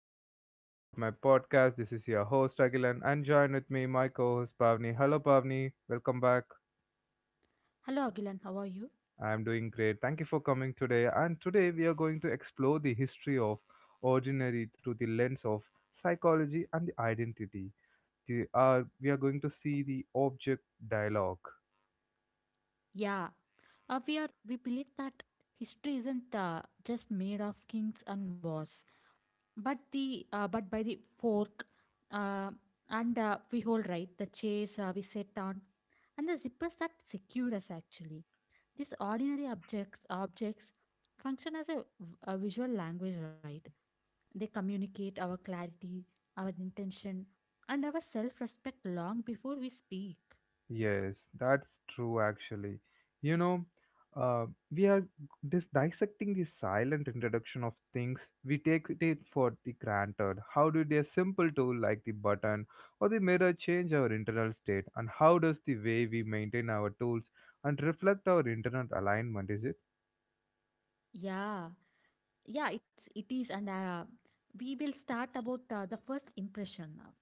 to the another episode of my podcast. This is your host Agilan and join with me my co-host Pavni. Hello Pavni, welcome back. Hello, Agilan. How are you? I am doing great. Thank you for coming today. And today we are going to explore the history of ordinary through the lens of psychology and the identity. We are going to see the object dialogue. Yeah, we are. We believe that history isn't just made of kings and wars, but the but by the fork, uh, and we hold right the chairs we sit on, and the zippers that secure us. Actually, these ordinary objects function as a visual language, right? They communicate our clarity, our intention, and our self-respect long before we speak. Yes, that's true actually. You know, uh, we are dissecting the silent introduction of things we take it for the granted. How did a simple tool like the button or the mirror change our internal state, and how does the way we maintain our tools and reflect our internal alignment? Is it? Yeah. Yeah, it's it is and we will start about the first impression now.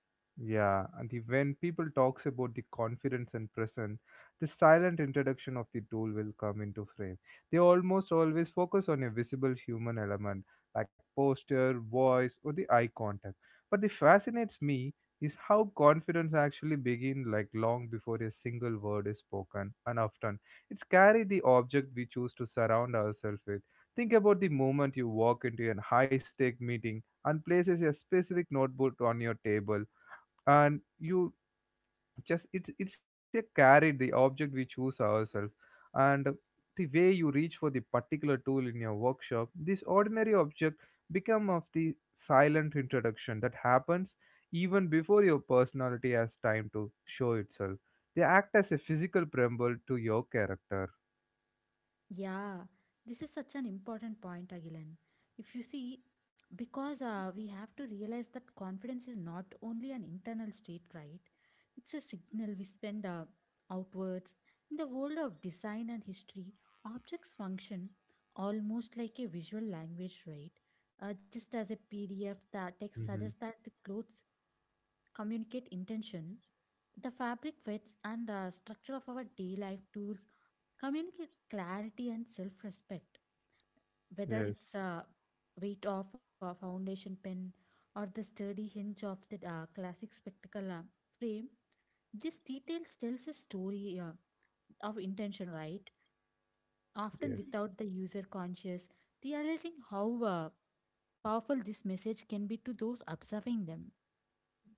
Yeah, when people talks about the confidence and presence, the silent introduction of the tool will come into frame. They almost always focus on a visible human element like posture, voice, or the eye contact. But the fascinates me is how confidence actually begin like long before a single word is spoken, and often it's carry the object we choose to surround ourselves with. Think about the moment you walk into a high-stake meeting and places a specific notebook on your table and you just it's a carry the object we choose ourselves, and the way you reach for the particular tool in your workshop. This ordinary object become of the silent introduction that happens even before your personality has time to show itself. They act as a physical preamble to your character. Yeah, this is such an important point, Agilan. If you see, because we have to realize that confidence is not only an internal state, right? It's a signal we spend outwards. In the world of design and history, objects function almost like a visual language, right? Just as a PDF that text hmm suggests that the clothes communicate intention, the fabric fits and structure of our day life tools communicate clarity and self-respect, whether Yes, it's a weight of a foundation pen or the sturdy hinge of the classic spectacle frame. This detail tells a story of intention, right? Often yes. without the user conscious realizing how powerful this message can be to those observing them.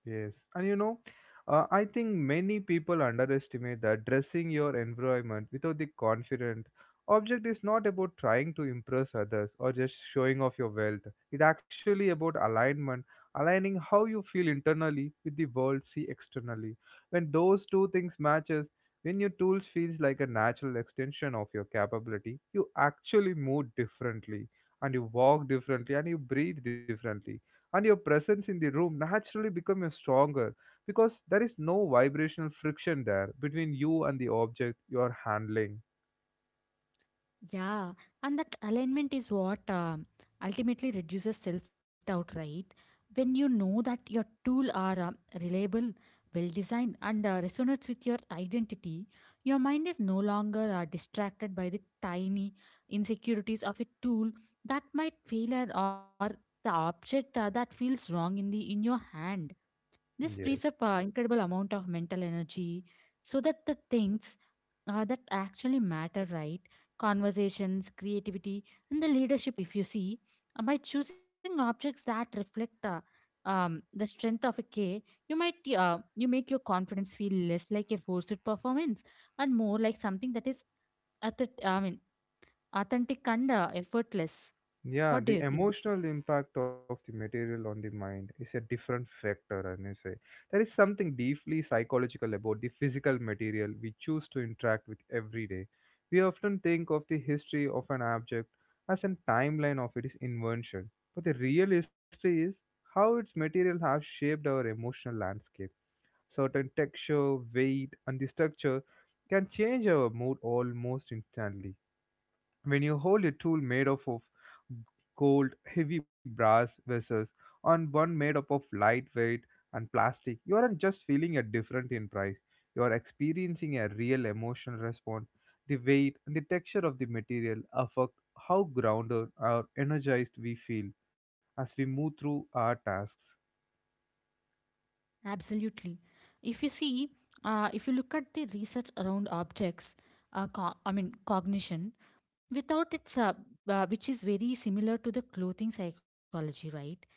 Yes, and you know, I think many people underestimate that dressing your environment without the confident object is not about trying to impress others or just showing off your wealth. It's actually about alignment, aligning how you feel internally with the world see externally. When those two things matches, when your tools feels like a natural extension of your capability, you actually move differently, and you walk differently, and you breathe differently, and your presence in the room naturally becomes stronger because there is no vibrational friction there between you and the object you are handling. Yeah, and that alignment is what ultimately reduces self doubt, right? When you know that your tool are reliable, well designed, and resonates with your identity, your mind is no longer distracted by the tiny insecurities of a tool that might fail or the object that feels wrong in the in your hand. This frees Yes. up incredible amount of mental energy so that the things that actually matter, right? Conversations, creativity, and the leadership, if you see, by choosing objects that reflect the strength of a K, you might you make your confidence feel less like a forced performance and more like something that is at the, I mean, authentic and effortless. Yeah, What do the you think? emotional impact of the material on the mind is a different factor, and you say. There is something deeply psychological about the physical material we choose to interact with every day. We often think of the history of an object as a timeline of its invention, but the real history is how its material has shaped our emotional landscape. Certain texture, weight, and the structure can change our mood almost instantly. When you hold a tool made up of gold, heavy brass vessels, and one made up of lightweight and plastic, you aren't just feeling a different in price. You are experiencing a real emotional response. The weight and the texture of the material affect how grounded or energized we feel as we move through our tasks. Absolutely. If you see, if you look at the research around objects, cognition, without its which is very similar to the clothing psychology, right?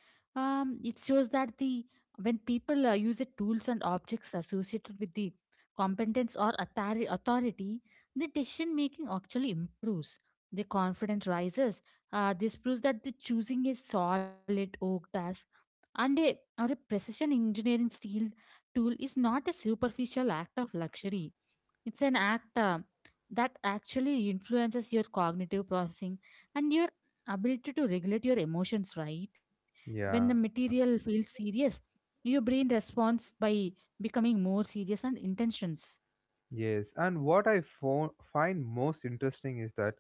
It shows that the when people use the tools and objects associated with the competence or authority, the decision making actually improves, the confidence rises. This proves that the choosing a solid oak task and a precision engineering steel tool is not a superficial act of luxury. It's an act that actually influences your cognitive processing and your ability to regulate your emotions, right? When the Yeah. material feels serious, your brain responds by becoming more serious and intentions. Yes, and what I find most interesting is that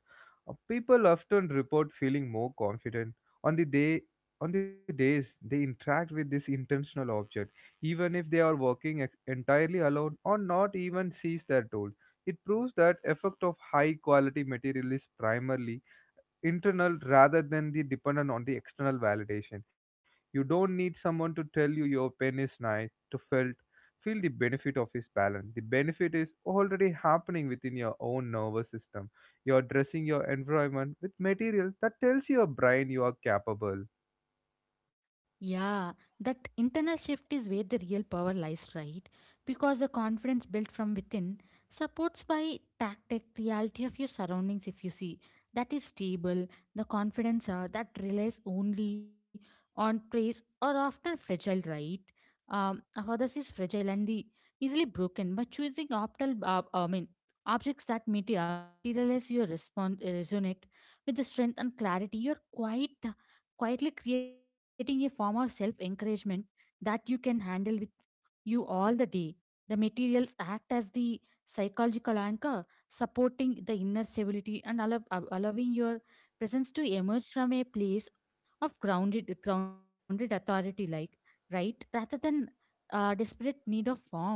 people often report feeling more confident on the day on the days they interact with this intentional object, even if they are working entirely alone or not even sees their tool. It proves that effect of high quality material is primarily internal rather than the dependent on the external validation. You don't need someone to tell you your pen is nice to felt feel the benefit of his balance. The benefit is already happening within your own nervous system. You're dressing your environment with material that tells your brain you are capable. Yeah, that internal shift is where the real power lies, right? Because the confidence built from within supports by tactic reality of your surroundings. If you see that is stable, the confidence that relies only on praise are often fragile, right? Others is fragile and the easily broken. But choosing optimal, objects that meet, materialize your response, resonate with the strength and clarity. Your quietly creating a form of self encouragement that you can handle with you all the day. The materials act as the psychological anchor, supporting the inner stability and allowing your presence to emerge from a place of grounded authority, like, right, rather than desperate need of form.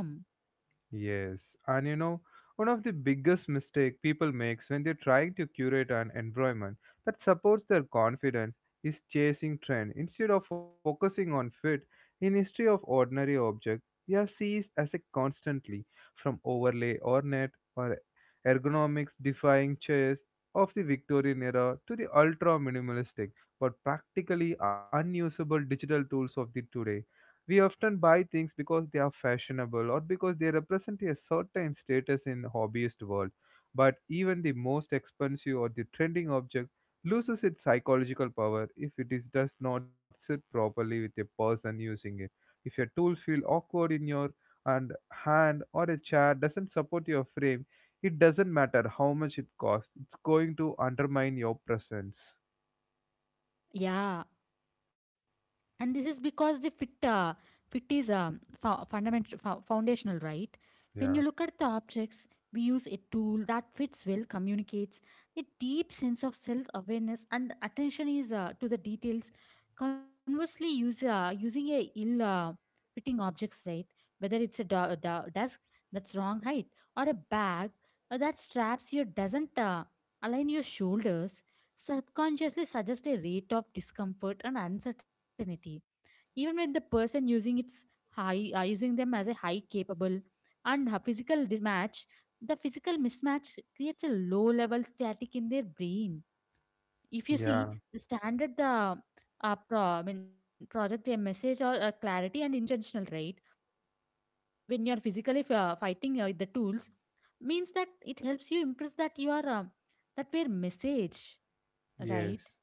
Yes, and you know, one of the biggest mistake people makes when they're trying to curate an environment that supports their confidence is chasing trend instead of focusing on fit. In history of ordinary object, we are seized as a constantly from overlay or net or ergonomics defying chairs of the Victorian era to the ultra minimalistic but practically unusable digital tools of the today, we often buy things because they are fashionable or because they represent a certain status in the hobbyist world. But even the most expensive or the trending object loses its psychological power if does not sit properly with a person using it. If your tool feel awkward in your and hand or a chair doesn't support your frame, it doesn't matter how much it costs. It's going to undermine your presence. Yeah, and this is because the fit is fundamental foundational, right? When you look Yeah, at the objects, we use a tool that fits well communicates a deep sense of self awareness and attention is to the details. Conversely, use using a ill fitting objects, right? Whether it's a desk that's wrong height or a bag that straps you doesn't align your shoulders, subconsciously suggest a rate of discomfort and uncertainty even when the person using its high using them as a high capable. And a physical mismatch, creates a low level static in their brain. If you see yeah. the standard the project a message or clarity and intentional, right? When you are physically fighting with the tools, means that it helps you impress that you are that were message, right? Yes.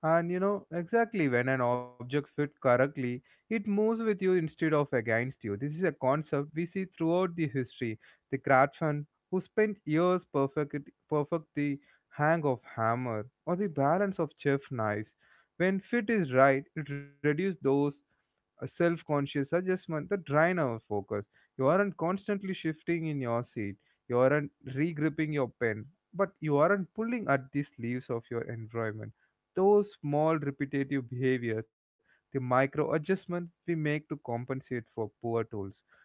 And you know, exactly when an object fits correctly, it moves with you instead of against you. This is a concept we see throughout the history. The craftsman who spent years perfect the hang of hammer or the balance of chef knives. When fit is right, it reduces those a self-conscious adjustment that drain our focus. You aren't constantly shifting in your seat. You aren't regripping your pen, but you aren't pulling at the sleeves of your environment. Those small repetitive behavior, the micro adjustment we make to compensate for poor tools,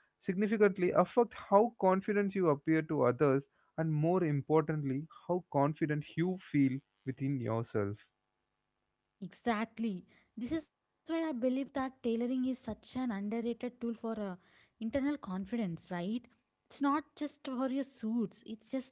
significantly affect how confident you appear to others and more importantly, how confident you feel within yourself. Exactly. This is why I believe that tailoring is such an underrated tool for internal confidence, right? It's not just for your suits, it's just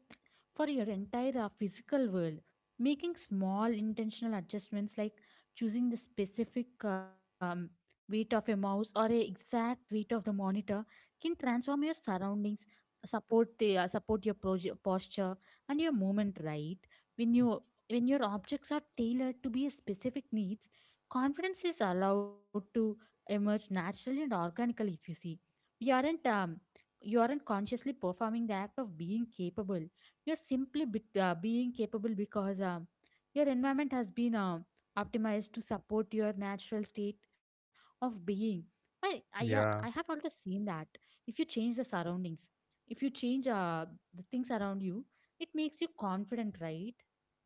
for your entire physical world. Making small intentional adjustments like choosing the specific weight of a mouse or a exact weight of the monitor can transform your surroundings, support your posture and your movement, right? when you when your objects are tailored to be a specific needs, confidence is allowed to emerge naturally and organically, if you see. You aren't um, you aren't consciously performing the act of being capable. You're simply being capable because your environment has been optimized to support your natural state of being. I Yeah, have also seen that if you change the surroundings, if you change the things around you, it makes you confident, right?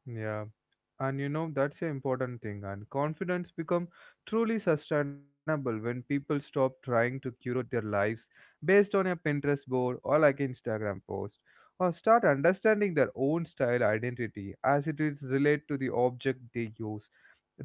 yeah. And you know, that's an important thing, and confidence become truly sustainable when people stop trying to curate their lives based on a Pinterest board or like Instagram post, or start understanding their own style identity as it is related to the object they use.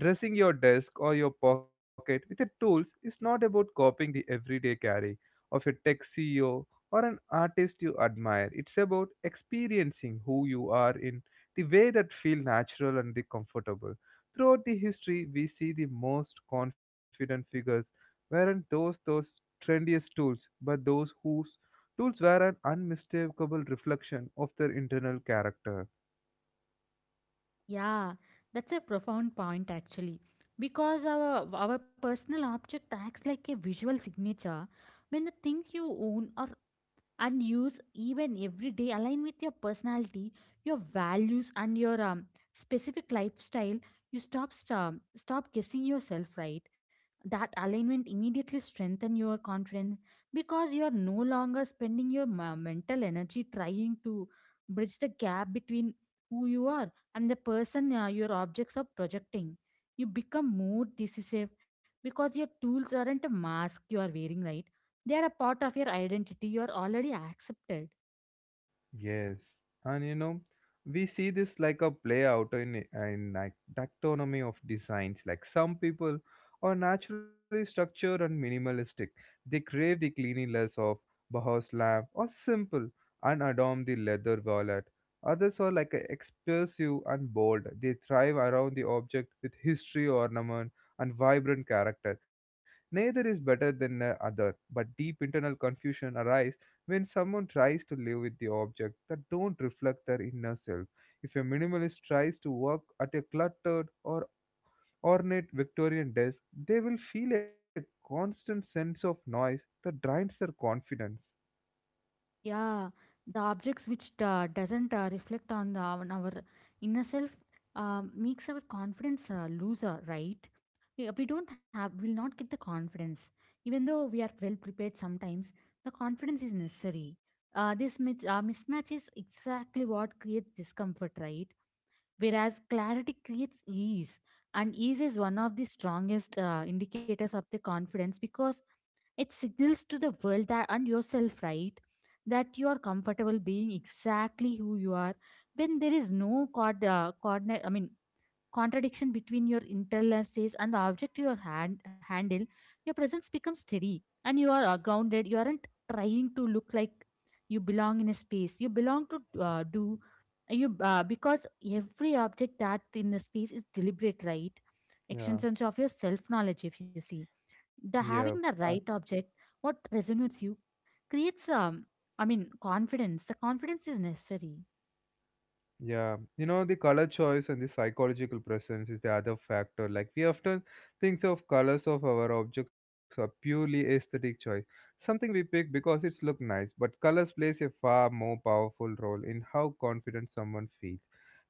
Dressing your desk or your pocket with the tools is not about copying the everyday carry of a tech CEO or an artist you admire. It's about experiencing who you are in the way that feel natural and the comfortable. Throughout the history, we see the most confident figures weren't those trendiest tools, but those whose tools were an unmistakable reflection of their internal character. Yeah, that's a profound point actually. Because our personal object acts like a visual signature. When the things you own or and use even every day align with your personality, your values and your specific lifestyle, you stop guessing yourself, right? That alignment immediately strengthen your confidence because you are no longer spending your mental energy trying to bridge the gap between who you are and the person your objects are projecting. You become more decisive because your tools aren't a mask you are wearing, right? They are a part of your identity. You are already accepted. Yes, and you know, we see this like a play out in like taxonomy of designs. Like some people are naturally structured and minimalistic. They crave the cleanliness of Bauhaus lamp or simple and adorn the leather wallet. Others are like a expressive and bold. They thrive around the object with history, ornament, and vibrant character. Neither is better than the other, but deep internal confusion arises when someone tries to live with the object that don't reflect their inner self. If a minimalist tries to work at a cluttered or ornate Victorian desk, they will feel a constant sense of noise that drains their confidence. Yeah, the objects which doesn't reflect on, the, on our inner self makes our confidence loser, right? Yeah, we don't have, will not get the confidence. Even though we are well prepared sometimes, the confidence is necessary. This mismatch is exactly what creates discomfort, right? Whereas clarity creates ease, and ease is one of the strongest indicators of the confidence, because it signals to the world that and yourself, right? That you are comfortable being exactly who you are. When there is no cord coordinate I mean contradiction between your internal states and the object you handle, your presence becomes steady and you are grounded. You aren't trying to look like you belong in a space. You belong to do you because every object that in the space is deliberate, right? Yeah, Extensions of your self knowledge, if you see, the yeah. having the right object, what resonates you creates confidence. The confidence is necessary. Yeah, you know, the color choice and the psychological presence is the other factor. Like, we often think of colors of our objects are purely aesthetic choice, something we pick because it's look nice, but colors plays a far more powerful role in how confident someone feels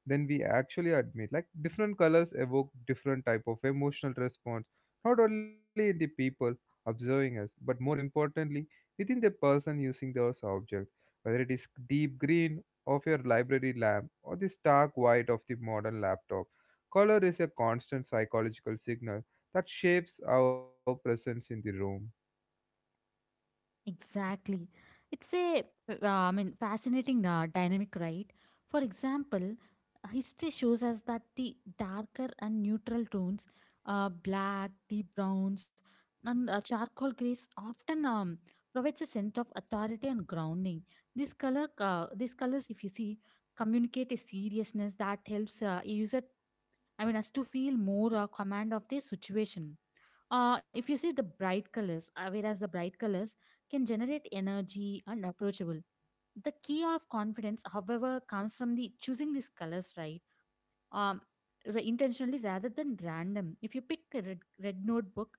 than we actually admit. Like, different colors evoke different type of emotional response, not only in the people observing us, but more importantly, within the person using those objects, whether it is deep green of your library lamp or the stark white of the modern laptop. Color is a constant psychological signal that shapes our presence in the room. Exactly. It's a, I mean, Fascinating dynamic, right? For example, history shows us that the darker and neutral tones, black, deep browns, and charcoal grays often provides a sense of authority and grounding. These colors, if you see, communicate a seriousness that helps a user, I mean, as to feel more command of the situation. If you see the bright colors, whereas the bright colors can generate energy and approachable. The key of confidence, however, comes from the choosing these colors, right, um, ra- intentionally rather than random. If you pick a red notebook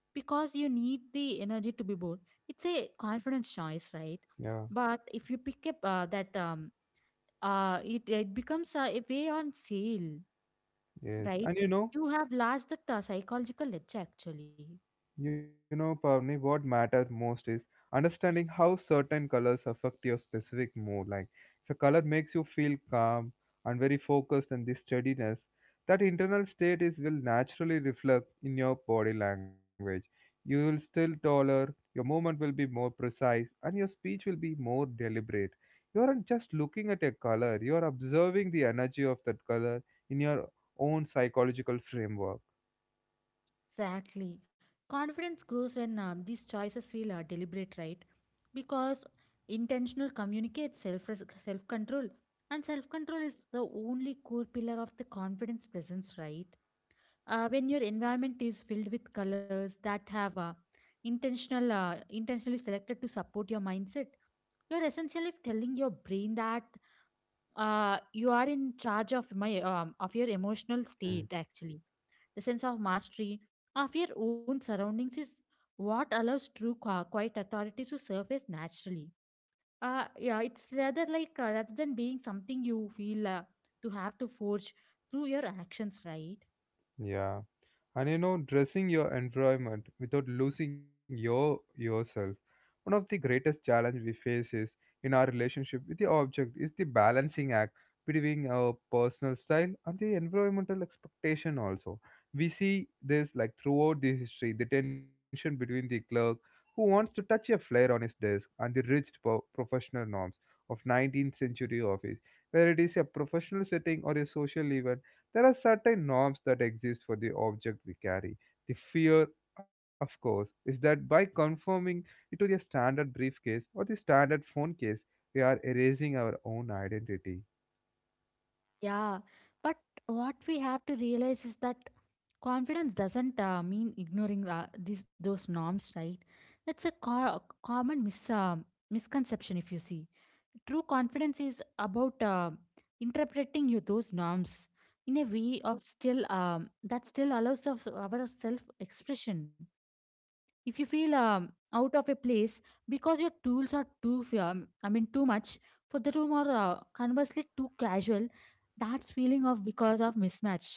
because you need the energy to be bold, it's a confidence choice, right? Yeah, But if you pick up it, it becomes a way on sale, yes. right? You have lost the psychological edge actually. You know, Pavni, what matters most is understanding how certain colors affect your specific mood. Like, if a color makes you feel calm and very focused and this steadiness, that internal state is will naturally reflect in your body language. You will still taller, your movement will be more precise, and your speech will be more deliberate. You aren't just looking at a color, you are observing the energy of that color in your own psychological framework. Exactly. Confidence grows when these choices feel deliberate, right? Because intentional communicates self control, and self control is the only core pillar of the confidence presence, right? When your environment is filled with colors that have intentionally selected to support your mindset, you're essentially telling your brain that you are in charge of my of your emotional Hmm. state actually. The sense of mastery of your own surroundings is what allows true quiet authority to surface naturally, yeah it's rather like rather than being something you feel to have to forge through your actions, right? Yeah. And you know, dressing your environment without losing your yourself, one of the greatest challenge we face is in our relationship with the object is the balancing act between our personal style and the environmental expectation also. We see this like throughout the history, the tension between the clerk who wants to touch a flare on his desk and the rigid professional norms of 19th century office. Where it is a professional setting or a social event, there are certain norms that exist for the object we carry. The fear, of course, is that by conforming it to the standard briefcase or the standard phone case, we are erasing our own identity. Yeah, but what we have to realize is that confidence doesn't mean ignoring these those norms, right? It's a common misconception, if you see. True confidence is about interpreting you those norms in a way of still that still allows of our self expression if you feel out of a place because your tools are too I mean too much for the room or conversely too casual, that's feeling of because of mismatch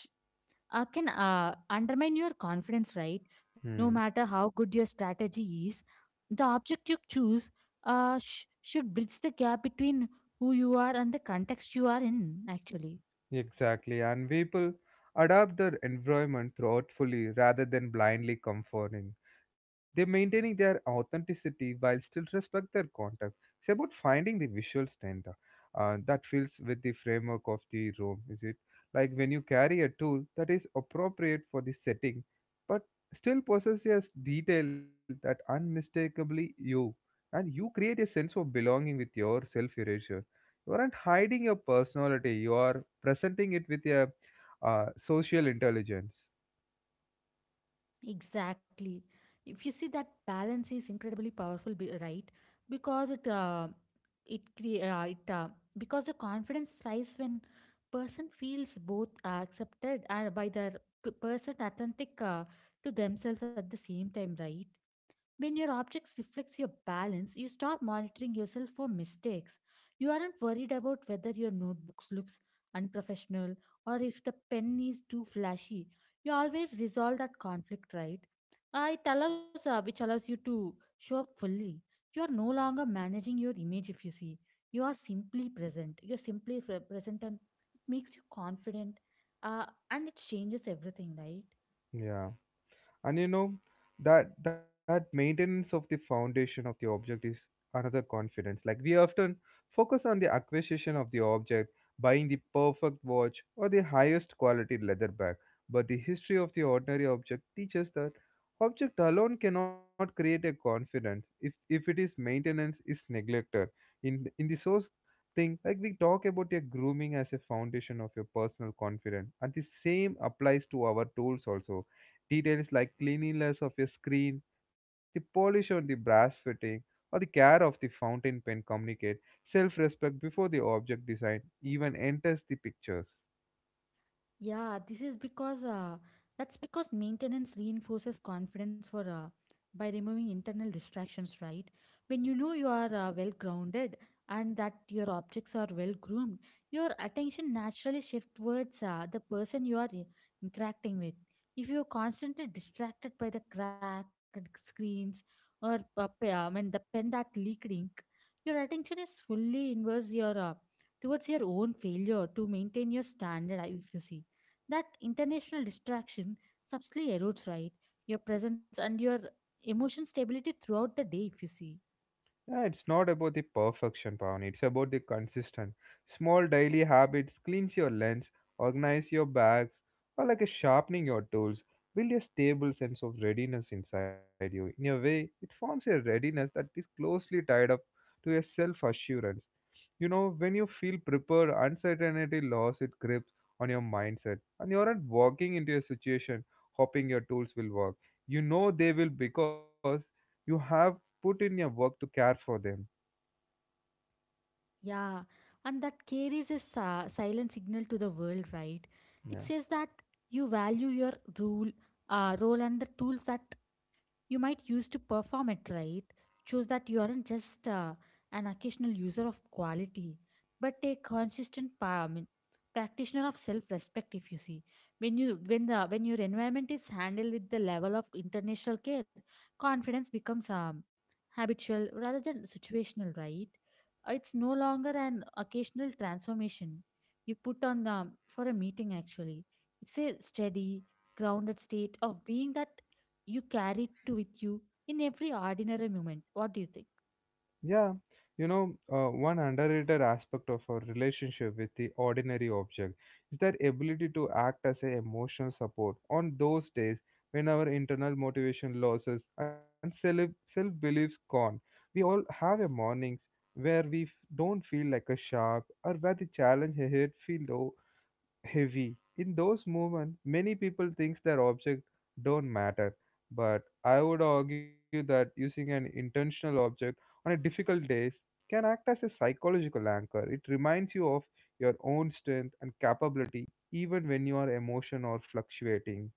can undermine your confidence, right? No Hmm. matter how good your strategy is, the object you choose should bridge the gap between who you are and the context you are in, actually. Exactly, and people adapt their environment thoughtfully rather than blindly conforming. They're maintaining their authenticity while still respect their context. It's about finding the visual standard that fits with the framework of the room, is it? Like when you carry a tool that is appropriate for the setting, but still possesses detail that unmistakably you, and you create a sense of belonging with your self-erasure. You aren't hiding your personality, you are presenting it with your social intelligence. Exactly. If you see, that balance is incredibly powerful, right? Because it it crea- it because the confidence thrives when person feels both accepted by their person, authentic to themselves at the same time, right? When your objects reflects your balance, you stop monitoring yourself for mistakes. You aren't worried about whether your notebooks looks unprofessional or if the pen is too flashy. You always resolve that conflict, right? Which allows you to show up fully. You are no longer managing your image. If you see, you are simply present. You're simply present, and it makes you confident. And it changes everything, right? Yeah, and you know that maintenance of the foundation of the object is another confidence. Like we often focus on the acquisition of the object, buying the perfect watch or the highest quality leather bag, but the history of the ordinary object teaches that object alone cannot create a confidence if it is maintenance is neglected in in the source thing. Like we talk about your grooming as a foundation of your personal confidence, and the same applies to our tools also. Details like cleanliness of your screen, the polish on the brass fitting, or the care of the fountain pen communicate self respect before the object design even enters the pictures. Yeah, this is because that's because maintenance reinforces confidence for by removing internal distractions, right? When you know you are well grounded and that your objects are well groomed, your attention naturally shifts towards the person you are interacting with. If you're constantly distracted by the cracked screens or I mean the pen that leaked ink, your attention is fully inverse your towards your own failure to maintain your standard. If you see, that international distraction subtly erodes, right, your presence and your emotion stability throughout the day, if you see. Yeah, it's not about the perfection, Pavani. It's about the consistent. Small daily habits cleans your lens, organize your bags, or like a sharpening your tools. Build a stable sense of readiness inside you. In a way, it forms a readiness that is closely tied up to a self assurance. You know, when you feel prepared, uncertainty loss its grip on your mindset, and you aren't walking into a situation hoping your tools will work. You know they will because you have put in your work to care for them. Yeah, and that carries a silent signal to the world, right? It Yeah. says that you value your rule role and the tools that you might use to perform it, right? Choose that you aren't just an occasional user of quality, but a consistent practitioner of self-respect. If you see, when your environment is handled with the level of international care, confidence becomes habitual rather than situational, right? It's no longer an occasional transformation you put on for a meeting. Actually, it's a steady, grounded state of being that you carry it with you in every ordinary moment. What do you think? Yeah, one underrated aspect of our relationship with the ordinary object is their ability to act as an emotional support on those days when our internal motivation loses and self beliefs gone. We all have a mornings where we don't feel like a sharp or where the challenge ahead feel heavy. In those moments, many people thinks their object don't matter, but I would argue that using an intentional object on a difficult days can act as a psychological anchor. It reminds you of your own strength and capability even when your emotion are fluctuating.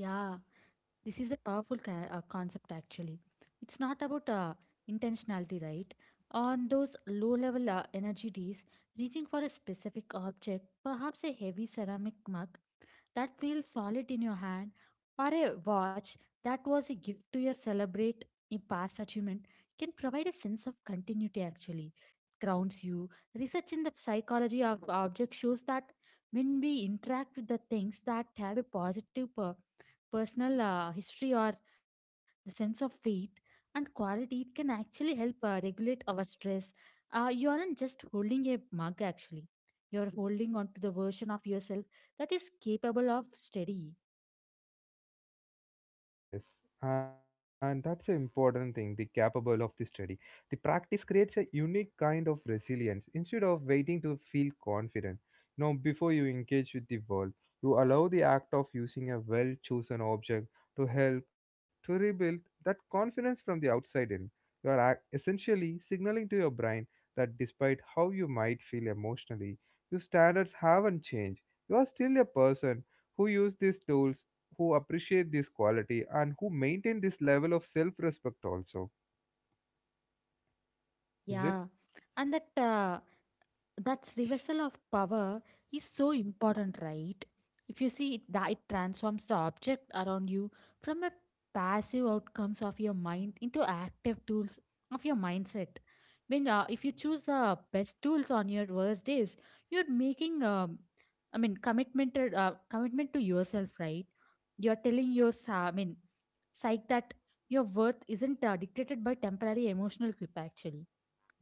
Yeah, this is a powerful concept, actually. It's not about intentionality, right? On those low level energy days, reaching for a specific object, perhaps a heavy ceramic mug that feels solid in your hand, or a watch that was a gift to your celebrate a past achievement, can provide a sense of continuity. Actually, it grounds you. Research in the psychology of objects shows that when we interact with the things that have a positive personal history or the sense of weight and quality, it can actually help regulate our stress. Uh, you aren't just holding a mug, actually, you're holding on to the version of yourself that is capable of steady. Yes, and that's an important thing, the capable of the study. The practice creates a unique kind of resilience. Instead of waiting to feel confident, you know, before you engage with the world, you allow the act of using a well chosen object to help to rebuild that confidence from the outside in. You are essentially signaling to your brain that despite how you might feel emotionally, your standards haven't changed. You are still a person who uses these tools, who appreciate this quality, and who maintain this level of self-respect also. Is it? Yeah, and that reversal of power is so important, right? If you see it, that it transforms the object around you from a passive outcomes of your mind into active tools of your mindset. When uh, if you choose the best tools on your worst days, you're making commitment commitment to yourself, right? You're telling your psyche that your worth isn't dictated by temporary emotional clip, actually.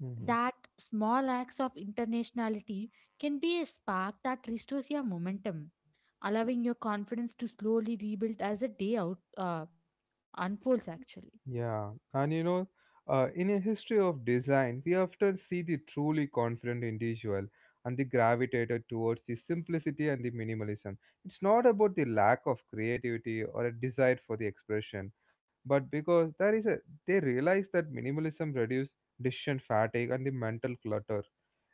Hmm. That small acts of internationality can be a spark that restores your momentum, allowing your confidence to slowly rebuild as the day out unfolds, actually. Yeah, and you know, in a history of design, we often see the truly confident individual and the gravitated towards the simplicity and the minimalism. It's not about the lack of creativity or a desire for the expression, but because there is a they realize that minimalism reduces decision fatigue and the mental clutter.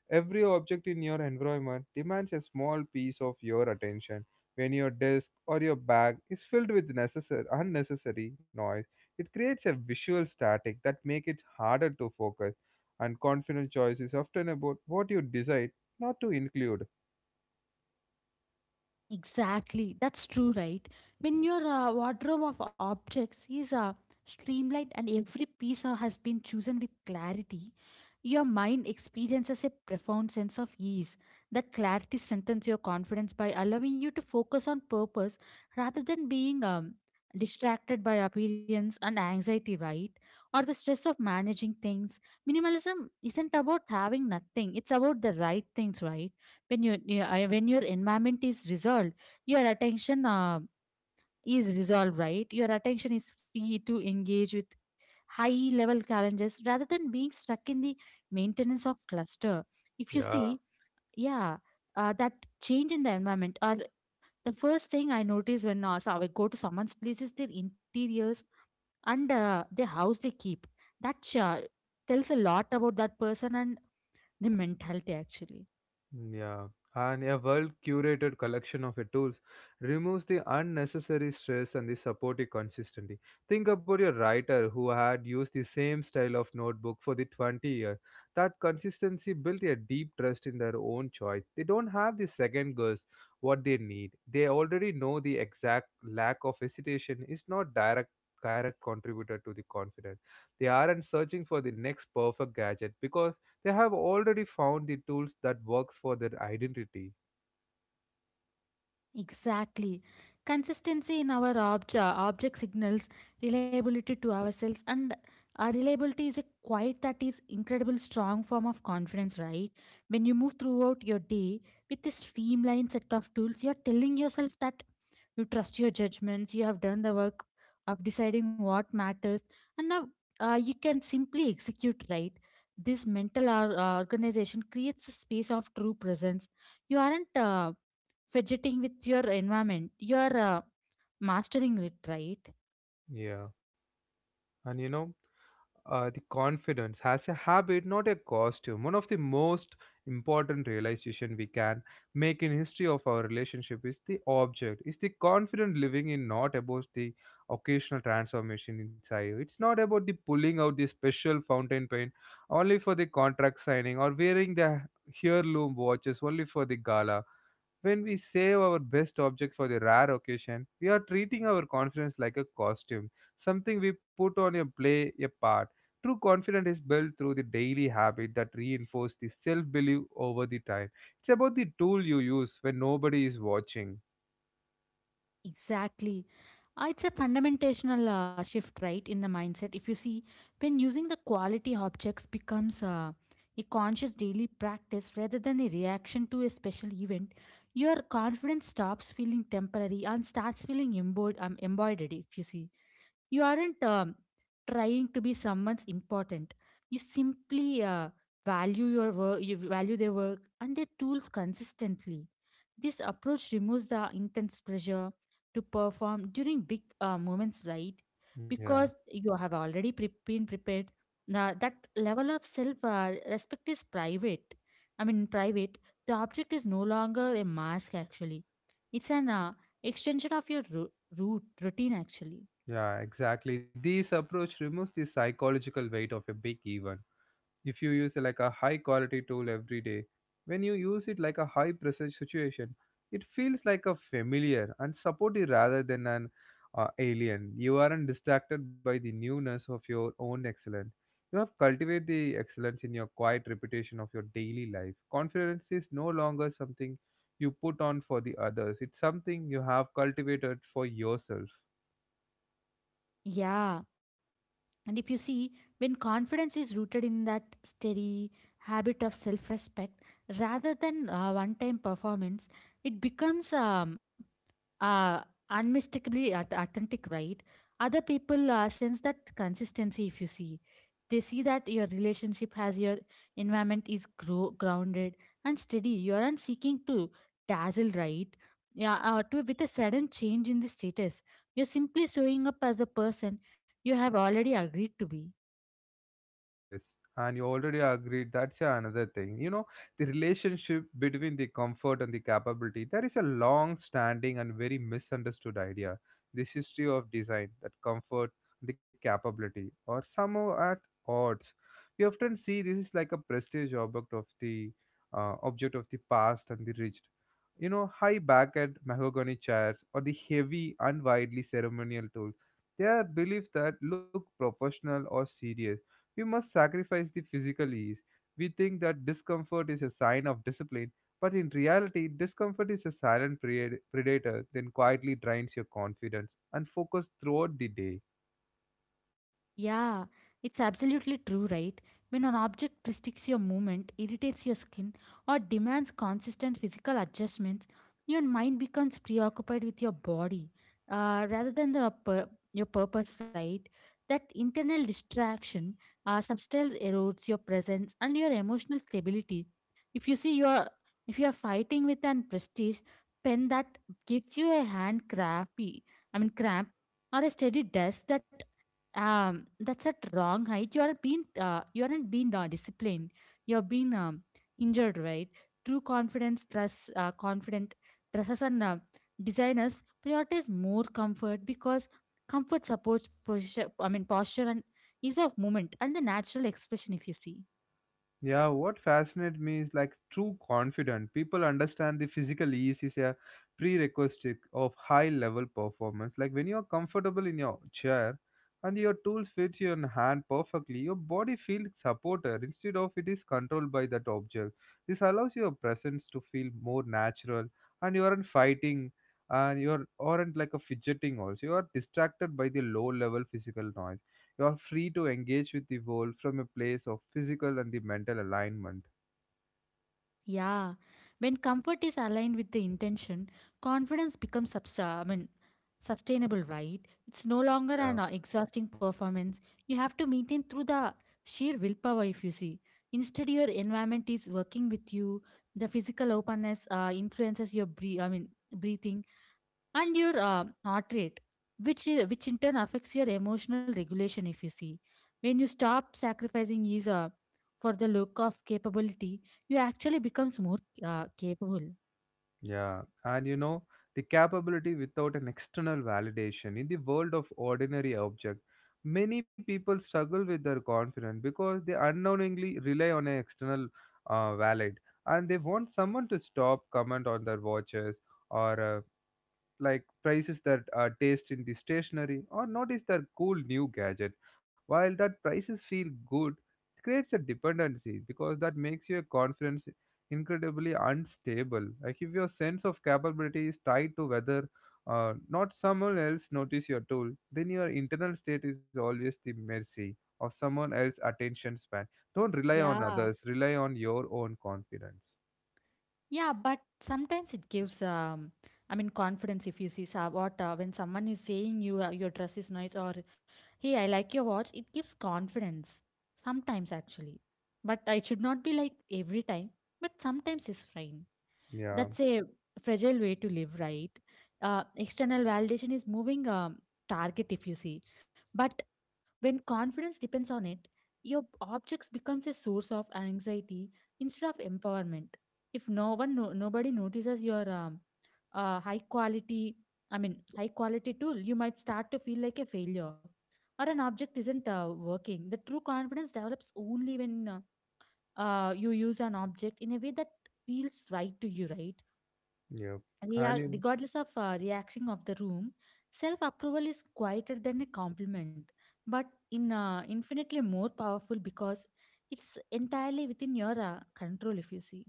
Every object in your environment demands a small piece of your attention. When your desk or your bag is filled with necessary, unnecessary noise, it creates a visual static that makes it harder to focus. And confident choice is often about what you decide not to include. Exactly, that's true, right? When your wardrobe of objects is streamlined and every piece has been chosen with clarity, your mind experiences a profound sense of ease. That clarity strengthens your confidence by allowing you to focus on purpose rather than being distracted by appearance and anxiety, right? Or the stress of managing things. Minimalism isn't about having nothing, it's about the right things, right? When your environment is resolved, your attention is resolved, right? Your attention is free to engage with high level challenges rather than being stuck in the maintenance of cluster, if you Yeah. see. Yeah, that change in the environment, or the first thing I notice when I go to someone's place is their interiors, and their house they keep, that tells a lot about that person and the mentality, actually. Yeah, and a well curated collection of your tools removes the unnecessary stress and the supportive consistency. Think about your writer who had used the same style of notebook for the 20 years. That consistency built a deep trust in their own choice. They don't have the second guess what they need. They already know the exact lack of hesitation is not direct contributor to the confidence. They aren't searching for the next perfect gadget because they have already found the tools that works for their identity. Exactly. Consistency in our object signals reliability to ourselves, and our reliability is a quite that is incredible strong form of confidence, right? When you move throughout your day with a streamlined set of tools, you're telling yourself that you trust your judgments, you have done the work of deciding what matters, and now you can simply execute, right? This mental organization creates a space of true presence. You aren't fidgeting with your environment, you are mastering it, right? Yeah, and you know, the confidence has a habit, not a costume. One of the most important realization we can make in history of our relationship is the object. Is the confident living in not about the occasional transformation inside. It's not about the pulling out the special fountain pen only for the contract signing or wearing the heirloom watches only for the gala. When we save our best object for the rare occasion, we are treating our confidence like a costume, something we put on a play a part. True confidence is built through the daily habit that reinforce the self-belief over the time. It's about the tool you use when nobody is watching. Exactly. It's a fundamental shift, right, in the mindset. If you see, when using the quality objects becomes a conscious daily practice rather than a reaction to a special event, your confidence stops feeling temporary and starts feeling embodied. If you see, you aren't trying to be someone's important. You simply value your work, you value their work and their tools consistently. This approach removes the intense pressure to perform during big moments, right? Yeah, Because you have already been prepared. Now, that level of self respect is private. I mean, private. The object is no longer a mask, actually. It's an extension of your root routine, actually. yeah, exactly. This approach removes the psychological weight of a big event. If you use like a high quality tool every day, when you use it like a high pressure situation, it feels like a familiar and supportive rather than an alien. You aren't distracted by the newness of your own excellence, you have cultivated the excellence in your quiet repetition of your daily life. Confidence is no longer something you put on for the others, it's something you have cultivated for yourself. Yeah. And if you see, when confidence is rooted in that steady habit of self respect rather than one time performance, it becomes uh, unmistakably authentic, right? Other people sense that consistency. If you see, they see that your relationship has your environment is grounded and steady. You aren't seeking to dazzle, right? Yeah, to with a sudden change in the status, you're simply showing up as the person you have already agreed to be. Yes, and you already agreed that's yeah, another thing. You know, the relationship between the comfort and the capability, there is a long standing and very misunderstood idea. This history of design that comfort the capability are somehow at odds. We often see this is like a prestige object of the past and the rich. You know, high backed mahogany chairs or the heavy and widely ceremonial tools. They are believed that look professional or serious we must sacrifice the physical ease. We think that discomfort is a sign of discipline, but in reality, discomfort is a silent predator that quietly drains your confidence and focus throughout the day. Yeah, it's absolutely true, right? When an object restricts your movement, irritates your skin, or demands consistent physical adjustments, your mind becomes preoccupied with your body rather than your purpose, right? That internal distraction substance erodes your presence and your emotional stability. If you see, your if you are fighting with an prestige pen that gives you a hand crappy, I mean cramp, or a steady desk that's at wrong height, you are being you aren't being disciplined, you're being injured, right? True confidence dress, confident dresses and designers prioritize more comfort because comfort supports posture, I mean, posture and ease of movement and the natural expression, if you see. Yeah, what fascinates me is like true confident. People understand the physical ease is a prerequisite of high level performance. Like when you are comfortable in your chair and your tools fit your hand perfectly, your body feels supported instead of it is controlled by that object. This allows your presence to feel more natural, and you aren't fighting and you aren't like a fidgeting also. You are distracted by the low level physical noise, you are free to engage with the world from a place of physical and the mental alignment. Yeah, when comfort is aligned with the intention, confidence becomes sustainable, right? It's no longer an Yeah. exhausting performance. You have to maintain through the sheer willpower, if you see. Instead, your environment is working with you. The physical openness influences your breath. I mean, breathing and your heart rate, which in turn affects your emotional regulation, if you see. When you stop sacrificing ease for the look of capability, you actually becomes more capable. Yeah. And you know, the capability without an external validation in the world of ordinary object, many people struggle with their confidence because they unknowingly rely on an external valid, and they want someone to stop, comment on their watches or like prices that taste in the stationery or notice their cool new gadget. While that prices feel good, it creates a dependency, because that makes your confidence incredibly unstable. Like if your sense of capability is tied to whether not someone else notice your tool, then your internal state is always the mercy of someone else's attention span. Don't rely on Yeah, others, rely on your own confidence. yeah, but sometimes it gives confidence, if you see. So what when someone is saying you, your dress is nice, or hey, I like your watch, it gives confidence sometimes, actually. But it should not be like every time, but sometimes it's fine. Yeah. That's a fragile way to live, right? Uh, external validation is moving target, if you see. But when confidence depends on it, your objects becomes a source of anxiety instead of empowerment. If no one no, nobody notices your uh, high quality high quality tool, you might start to feel like a failure, or an object isn't working. The true confidence develops only when you use an object in a way that feels right to you, right? Yeah. Rea- And regardless of reaction of the room, self approval is quieter than a compliment, but in infinitely more powerful because it's entirely within your control. If you see.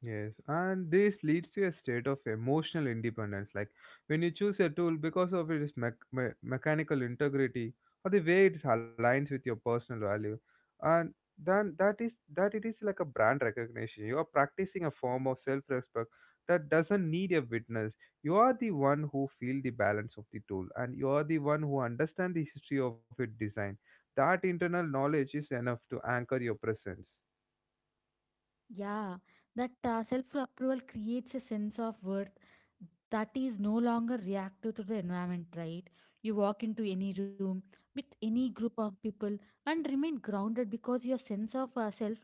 Yes, and this leads to a state of emotional independence. Like when you choose a tool because of its mechanical integrity or the way it aligns with your personal value, and then that is that it is like a brand recognition. You are practicing a form of self-respect that doesn't need a witness. You are the one who feel the balance of the tool, and you are the one who understand the history of its design. That internal knowledge is enough to anchor your presence. Yeah, that self-approval creates a sense of worth that is no longer reactive to the environment, right? You walk into any room with any group of people and remain grounded because your sense of self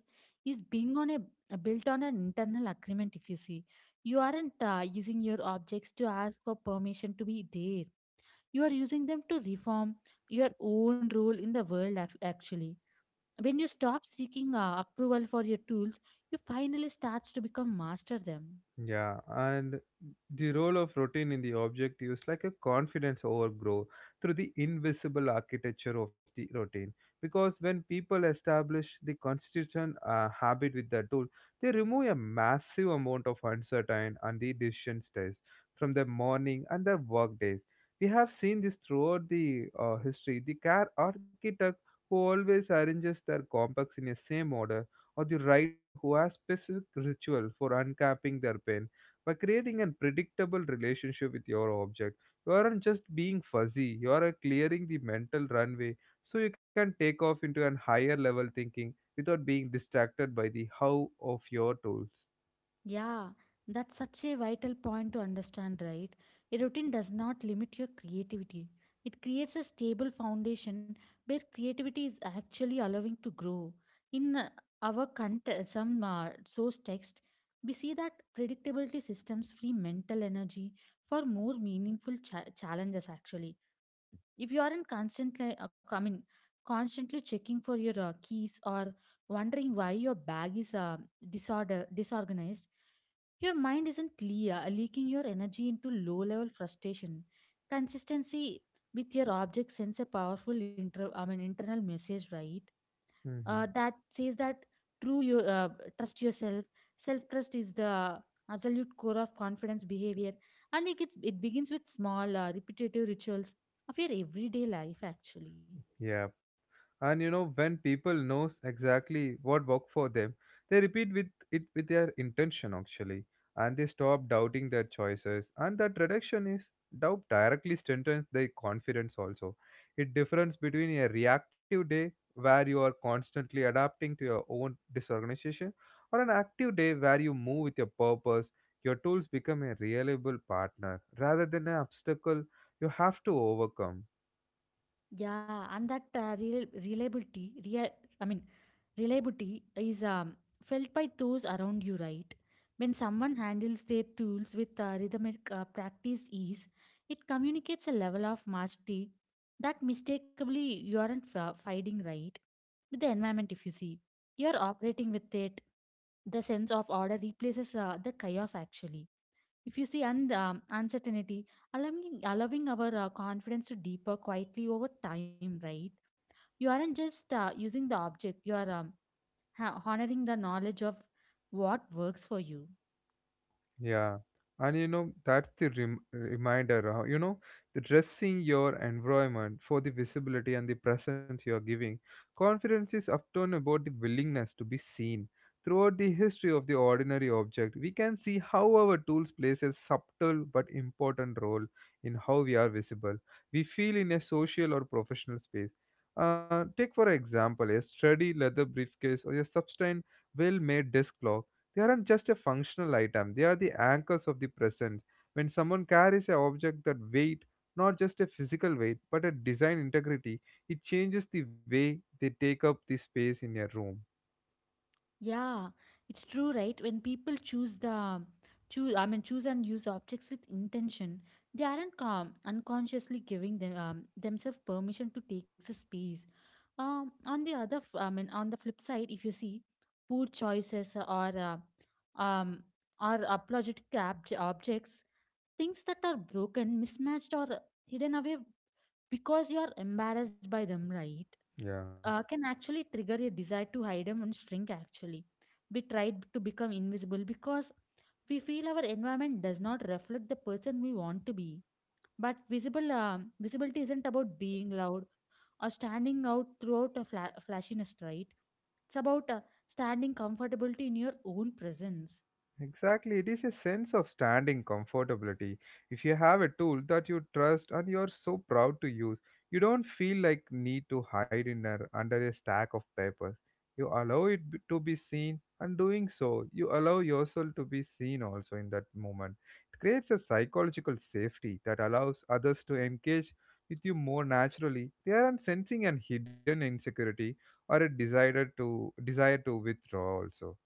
is being on a built on an internal agreement. If you see, you aren't using your objects to ask for permission to be there. You are using them to reform your own role in the world. Actually, when you stop seeking approval for your tools, you finally start to become master them. Yeah, and the role of routine in the object is like a confidence overgrow through the invisible architecture of the routine. Because when people establish the consistent habit with the tool, they remove a massive amount of uncertain and the decision stress from their morning and their work days. We have seen this throughout the history. The car architect who always arranges their complex in a same order or the writer who has specific ritual for uncapping their pen. By creating a predictable relationship with your object, you aren't just being fuzzy, you are clearing the mental runway so you can take off into an higher level thinking without being distracted by the how of your tools. Yeah, that's such a vital point to understand, right? A routine does not limit your creativity. It creates a stable foundation where creativity is actually allowing to grow. In our cont- some source text, we see that predictability systems free mental energy for more meaningful challenges actually if you aren't constantly I mean constantly checking for your keys or wondering why your bag is disorder disorganized. Your mind isn't clear, leaking your energy into low level frustration. Consistency with your object sends a powerful internal message, right? That says that true you trust yourself. Self trust is the absolute core of confidence behavior, and it begins with small repetitive rituals of your everyday life actually. Yeah. And you know, when people knows exactly what worked for them, they repeat with it with their intention actually, and they stop doubting their choices. And that reduction is doubt directly strengthens their confidence also. It difference between a reactive day where you are constantly adapting to your own disorganization or an active day where you move with your purpose, your tools become a reliable partner rather than an obstacle you have to overcome. Yeah, and that real reliability, I mean, reliability is felt by those around you, right? When someone handles their tools with rhythmic practiced ease, it communicates a level of mastery that mistakenly you aren't fighting, right? With the environment, if you see, you're operating with it. The sense of order replaces the chaos actually. If you see uncertainty, allowing our confidence to deeper quietly over time, right? You aren't just using the object, you are honoring the knowledge of what works for you. Yeah, and you know, that's the reminder, you know, the dressing your environment for the visibility and the presence you are giving. Confidence is often about the willingness to be seen. Throughout the history of the ordinary object, we can see how our tools plays a subtle but important role in how we are visible. We feel in a social or professional space. Take for example a sturdy leather briefcase or a sustained well-made desk clock. They aren't just a functional item, they are the anchors of the present. When someone carries an object that weight, not just a physical weight, but a design integrity, it changes the way they take up the space in a room. Yeah, it's true, right? When people choose the choose, I mean, choose and use objects with intention, they aren't unconsciously giving themselves permission to take the space. On the other, f- I mean, on the flip side, if you see poor choices uh, um or apologetic objects, things that are broken, mismatched, or hidden away because you are embarrassed by them, right? Yeah. Can actually trigger a desire to hide them and shrink actually. We try to become invisible because we feel our environment does not reflect the person we want to be, but visible visibility isn't about being loud or standing out throughout a flashiness, right? It's about standing comfortably in your own presence. Exactly, it is a sense of standing comfortability. If you have a tool that you trust and you are so proud to use, you don't feel like need to hide in a, under a stack of papers. You allow it to be seen, and doing so, you allow yourself to be seen also in that moment. It creates a psychological safety that allows others to engage with you more naturally. They aren't sensing an hidden insecurity or a desire to withdraw also.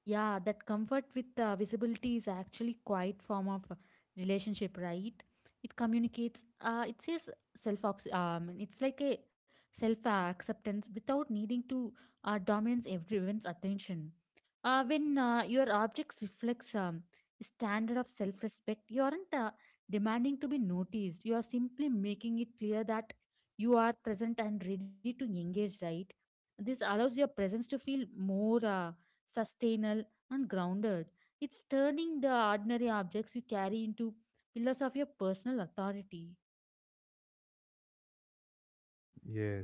Yeah, that comfort with visibility is actually quite form of relationship, right? It communicates. It says self. It's like a self acceptance without needing to dominate everyone's attention. When your objects reflects standard of self respect, you aren't demanding to be noticed. You are simply making it clear that you are present and ready to engage. Right. This allows your presence to feel more. Sustainable, and grounded. It's turning the ordinary objects you carry into pillars of your personal authority,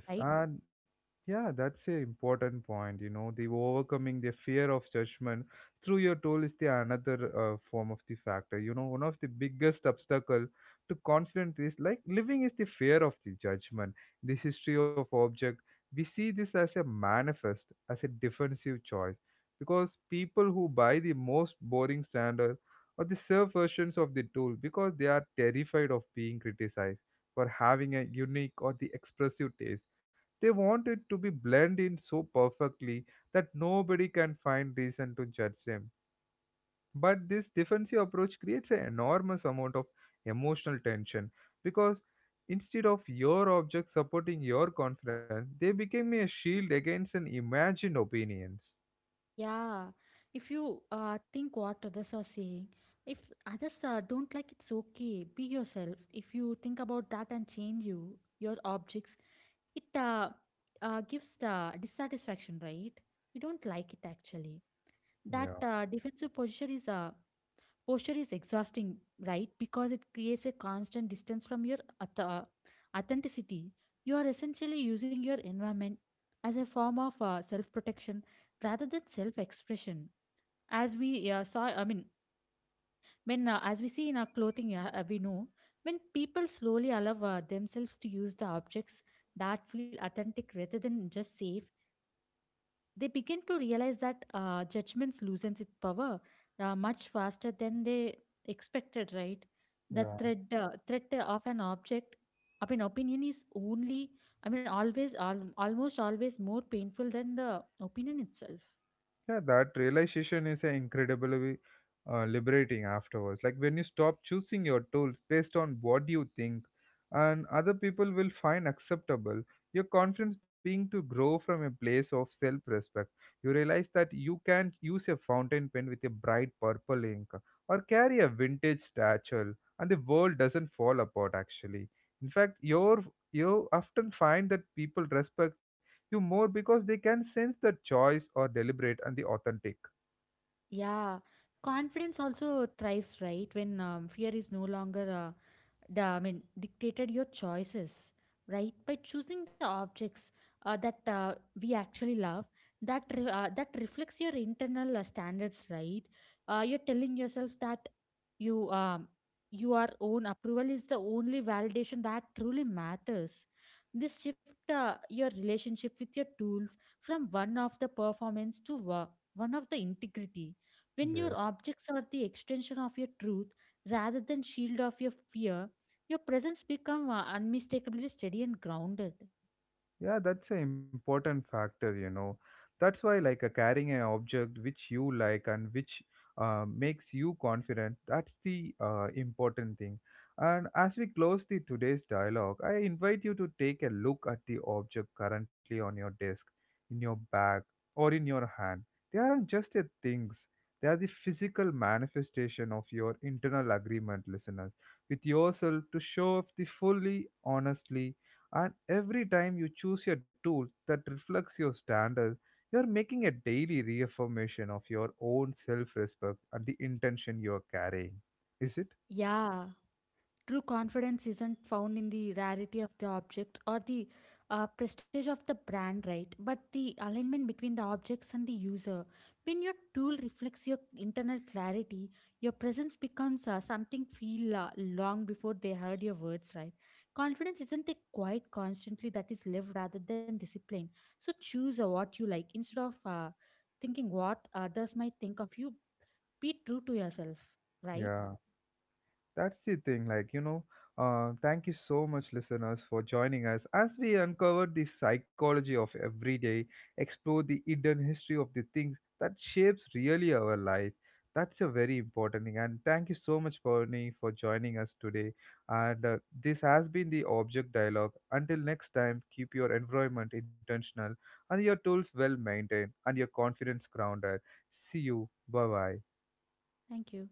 right? and yeah, that's a important point. You know, the overcoming the fear of judgment through your tool is the another form of the factor. You know, one of the biggest obstacle to confidence is like living is the fear of the judgment. The history of object, we see this as a manifest, as a defensive choice, because people who buy the most boring standard or the serve versions of the tool because they are terrified of being criticized for having a unique or the expressive taste. They want it to be blended in so perfectly that nobody can find reason to judge them. But this defensive approach creates an enormous amount of emotional tension because instead of your object supporting your confidence, they became a shield against an imagined opinions. Yeah. If you think what others are saying, if others don't like it's okay. Be yourself. If you think about that and your objects, it gives the dissatisfaction, right? We don't like it actually. That Yeah. Defensive posture is Posture is exhausting, right? Because it creates a constant distance from your authenticity. You are essentially using your environment as a form of self protection rather than self expression. As we saw, I mean, when As we see in our clothing, we know when people slowly allow themselves to use the objects that feel authentic rather than just safe, they begin to realize that judgments loosens its power much faster than they expected, right? The Yeah. threat, uh, threat of an object, of an opinion is only, I mean, always, al- almost always more painful than the opinion itself. Yeah, that realization is incredibly liberating afterwards. Like when you stop choosing your tools based on what you think and other people will find acceptable, your confidence being to grow from a place of self respect. You realize that you can use a fountain pen with a bright purple ink or carry a vintage satchel, and the world doesn't fall apart actually. In fact, you often find that people respect you more because they can sense the choice or deliberate and the authentic. Yeah, confidence also thrives, right? When fear is no longer dictated your choices, right? By choosing the objects that we actually love, that reflects your internal standards, right? You're telling yourself that you um, your own approval is the only validation that truly matters. This shift your relationship with your tools from one of the performance to one of the integrity. When your Yes. objects are the extension of your truth rather than shield of your fear, your presence become unmistakably steady and grounded. Yeah, that's an important factor, you know. That's why, like, carrying an object which you like and which makes you confident, that's the important thing. And as we close the today's dialogue, I invite you to take a look at the object currently on your desk, in your bag, or in your hand. They aren't just a things; they are the physical manifestation of your internal agreement, listeners, with yourself to show up the fully, honestly, and every time you choose your tool that reflects your standards, you're making a daily reaffirmation of your own self respect and the intention you're carrying. Is it? Yeah. True confidence isn't found in the rarity of the objects or the prestige of the brand, right? But the alignment between the objects and the user. When your tool reflects your internal clarity, your presence becomes something feel long before they heard your words, right? Confidence isn't a quiet constantly that is lived rather than discipline. So choose what you like instead of thinking what others might think of you. Be true to yourself, right? Yeah. That's the thing, like, you know, thank you so much, listeners, for joining us as we uncover the psychology of everyday, explore the hidden history of the things that shapes really our life. That's a very important thing. And thank you so much, Pony, for joining us today. And this has been the Object Dialogue. Until next time, keep your environment intentional and your tools well maintained and your confidence grounded. See you. Bye bye. Thank you.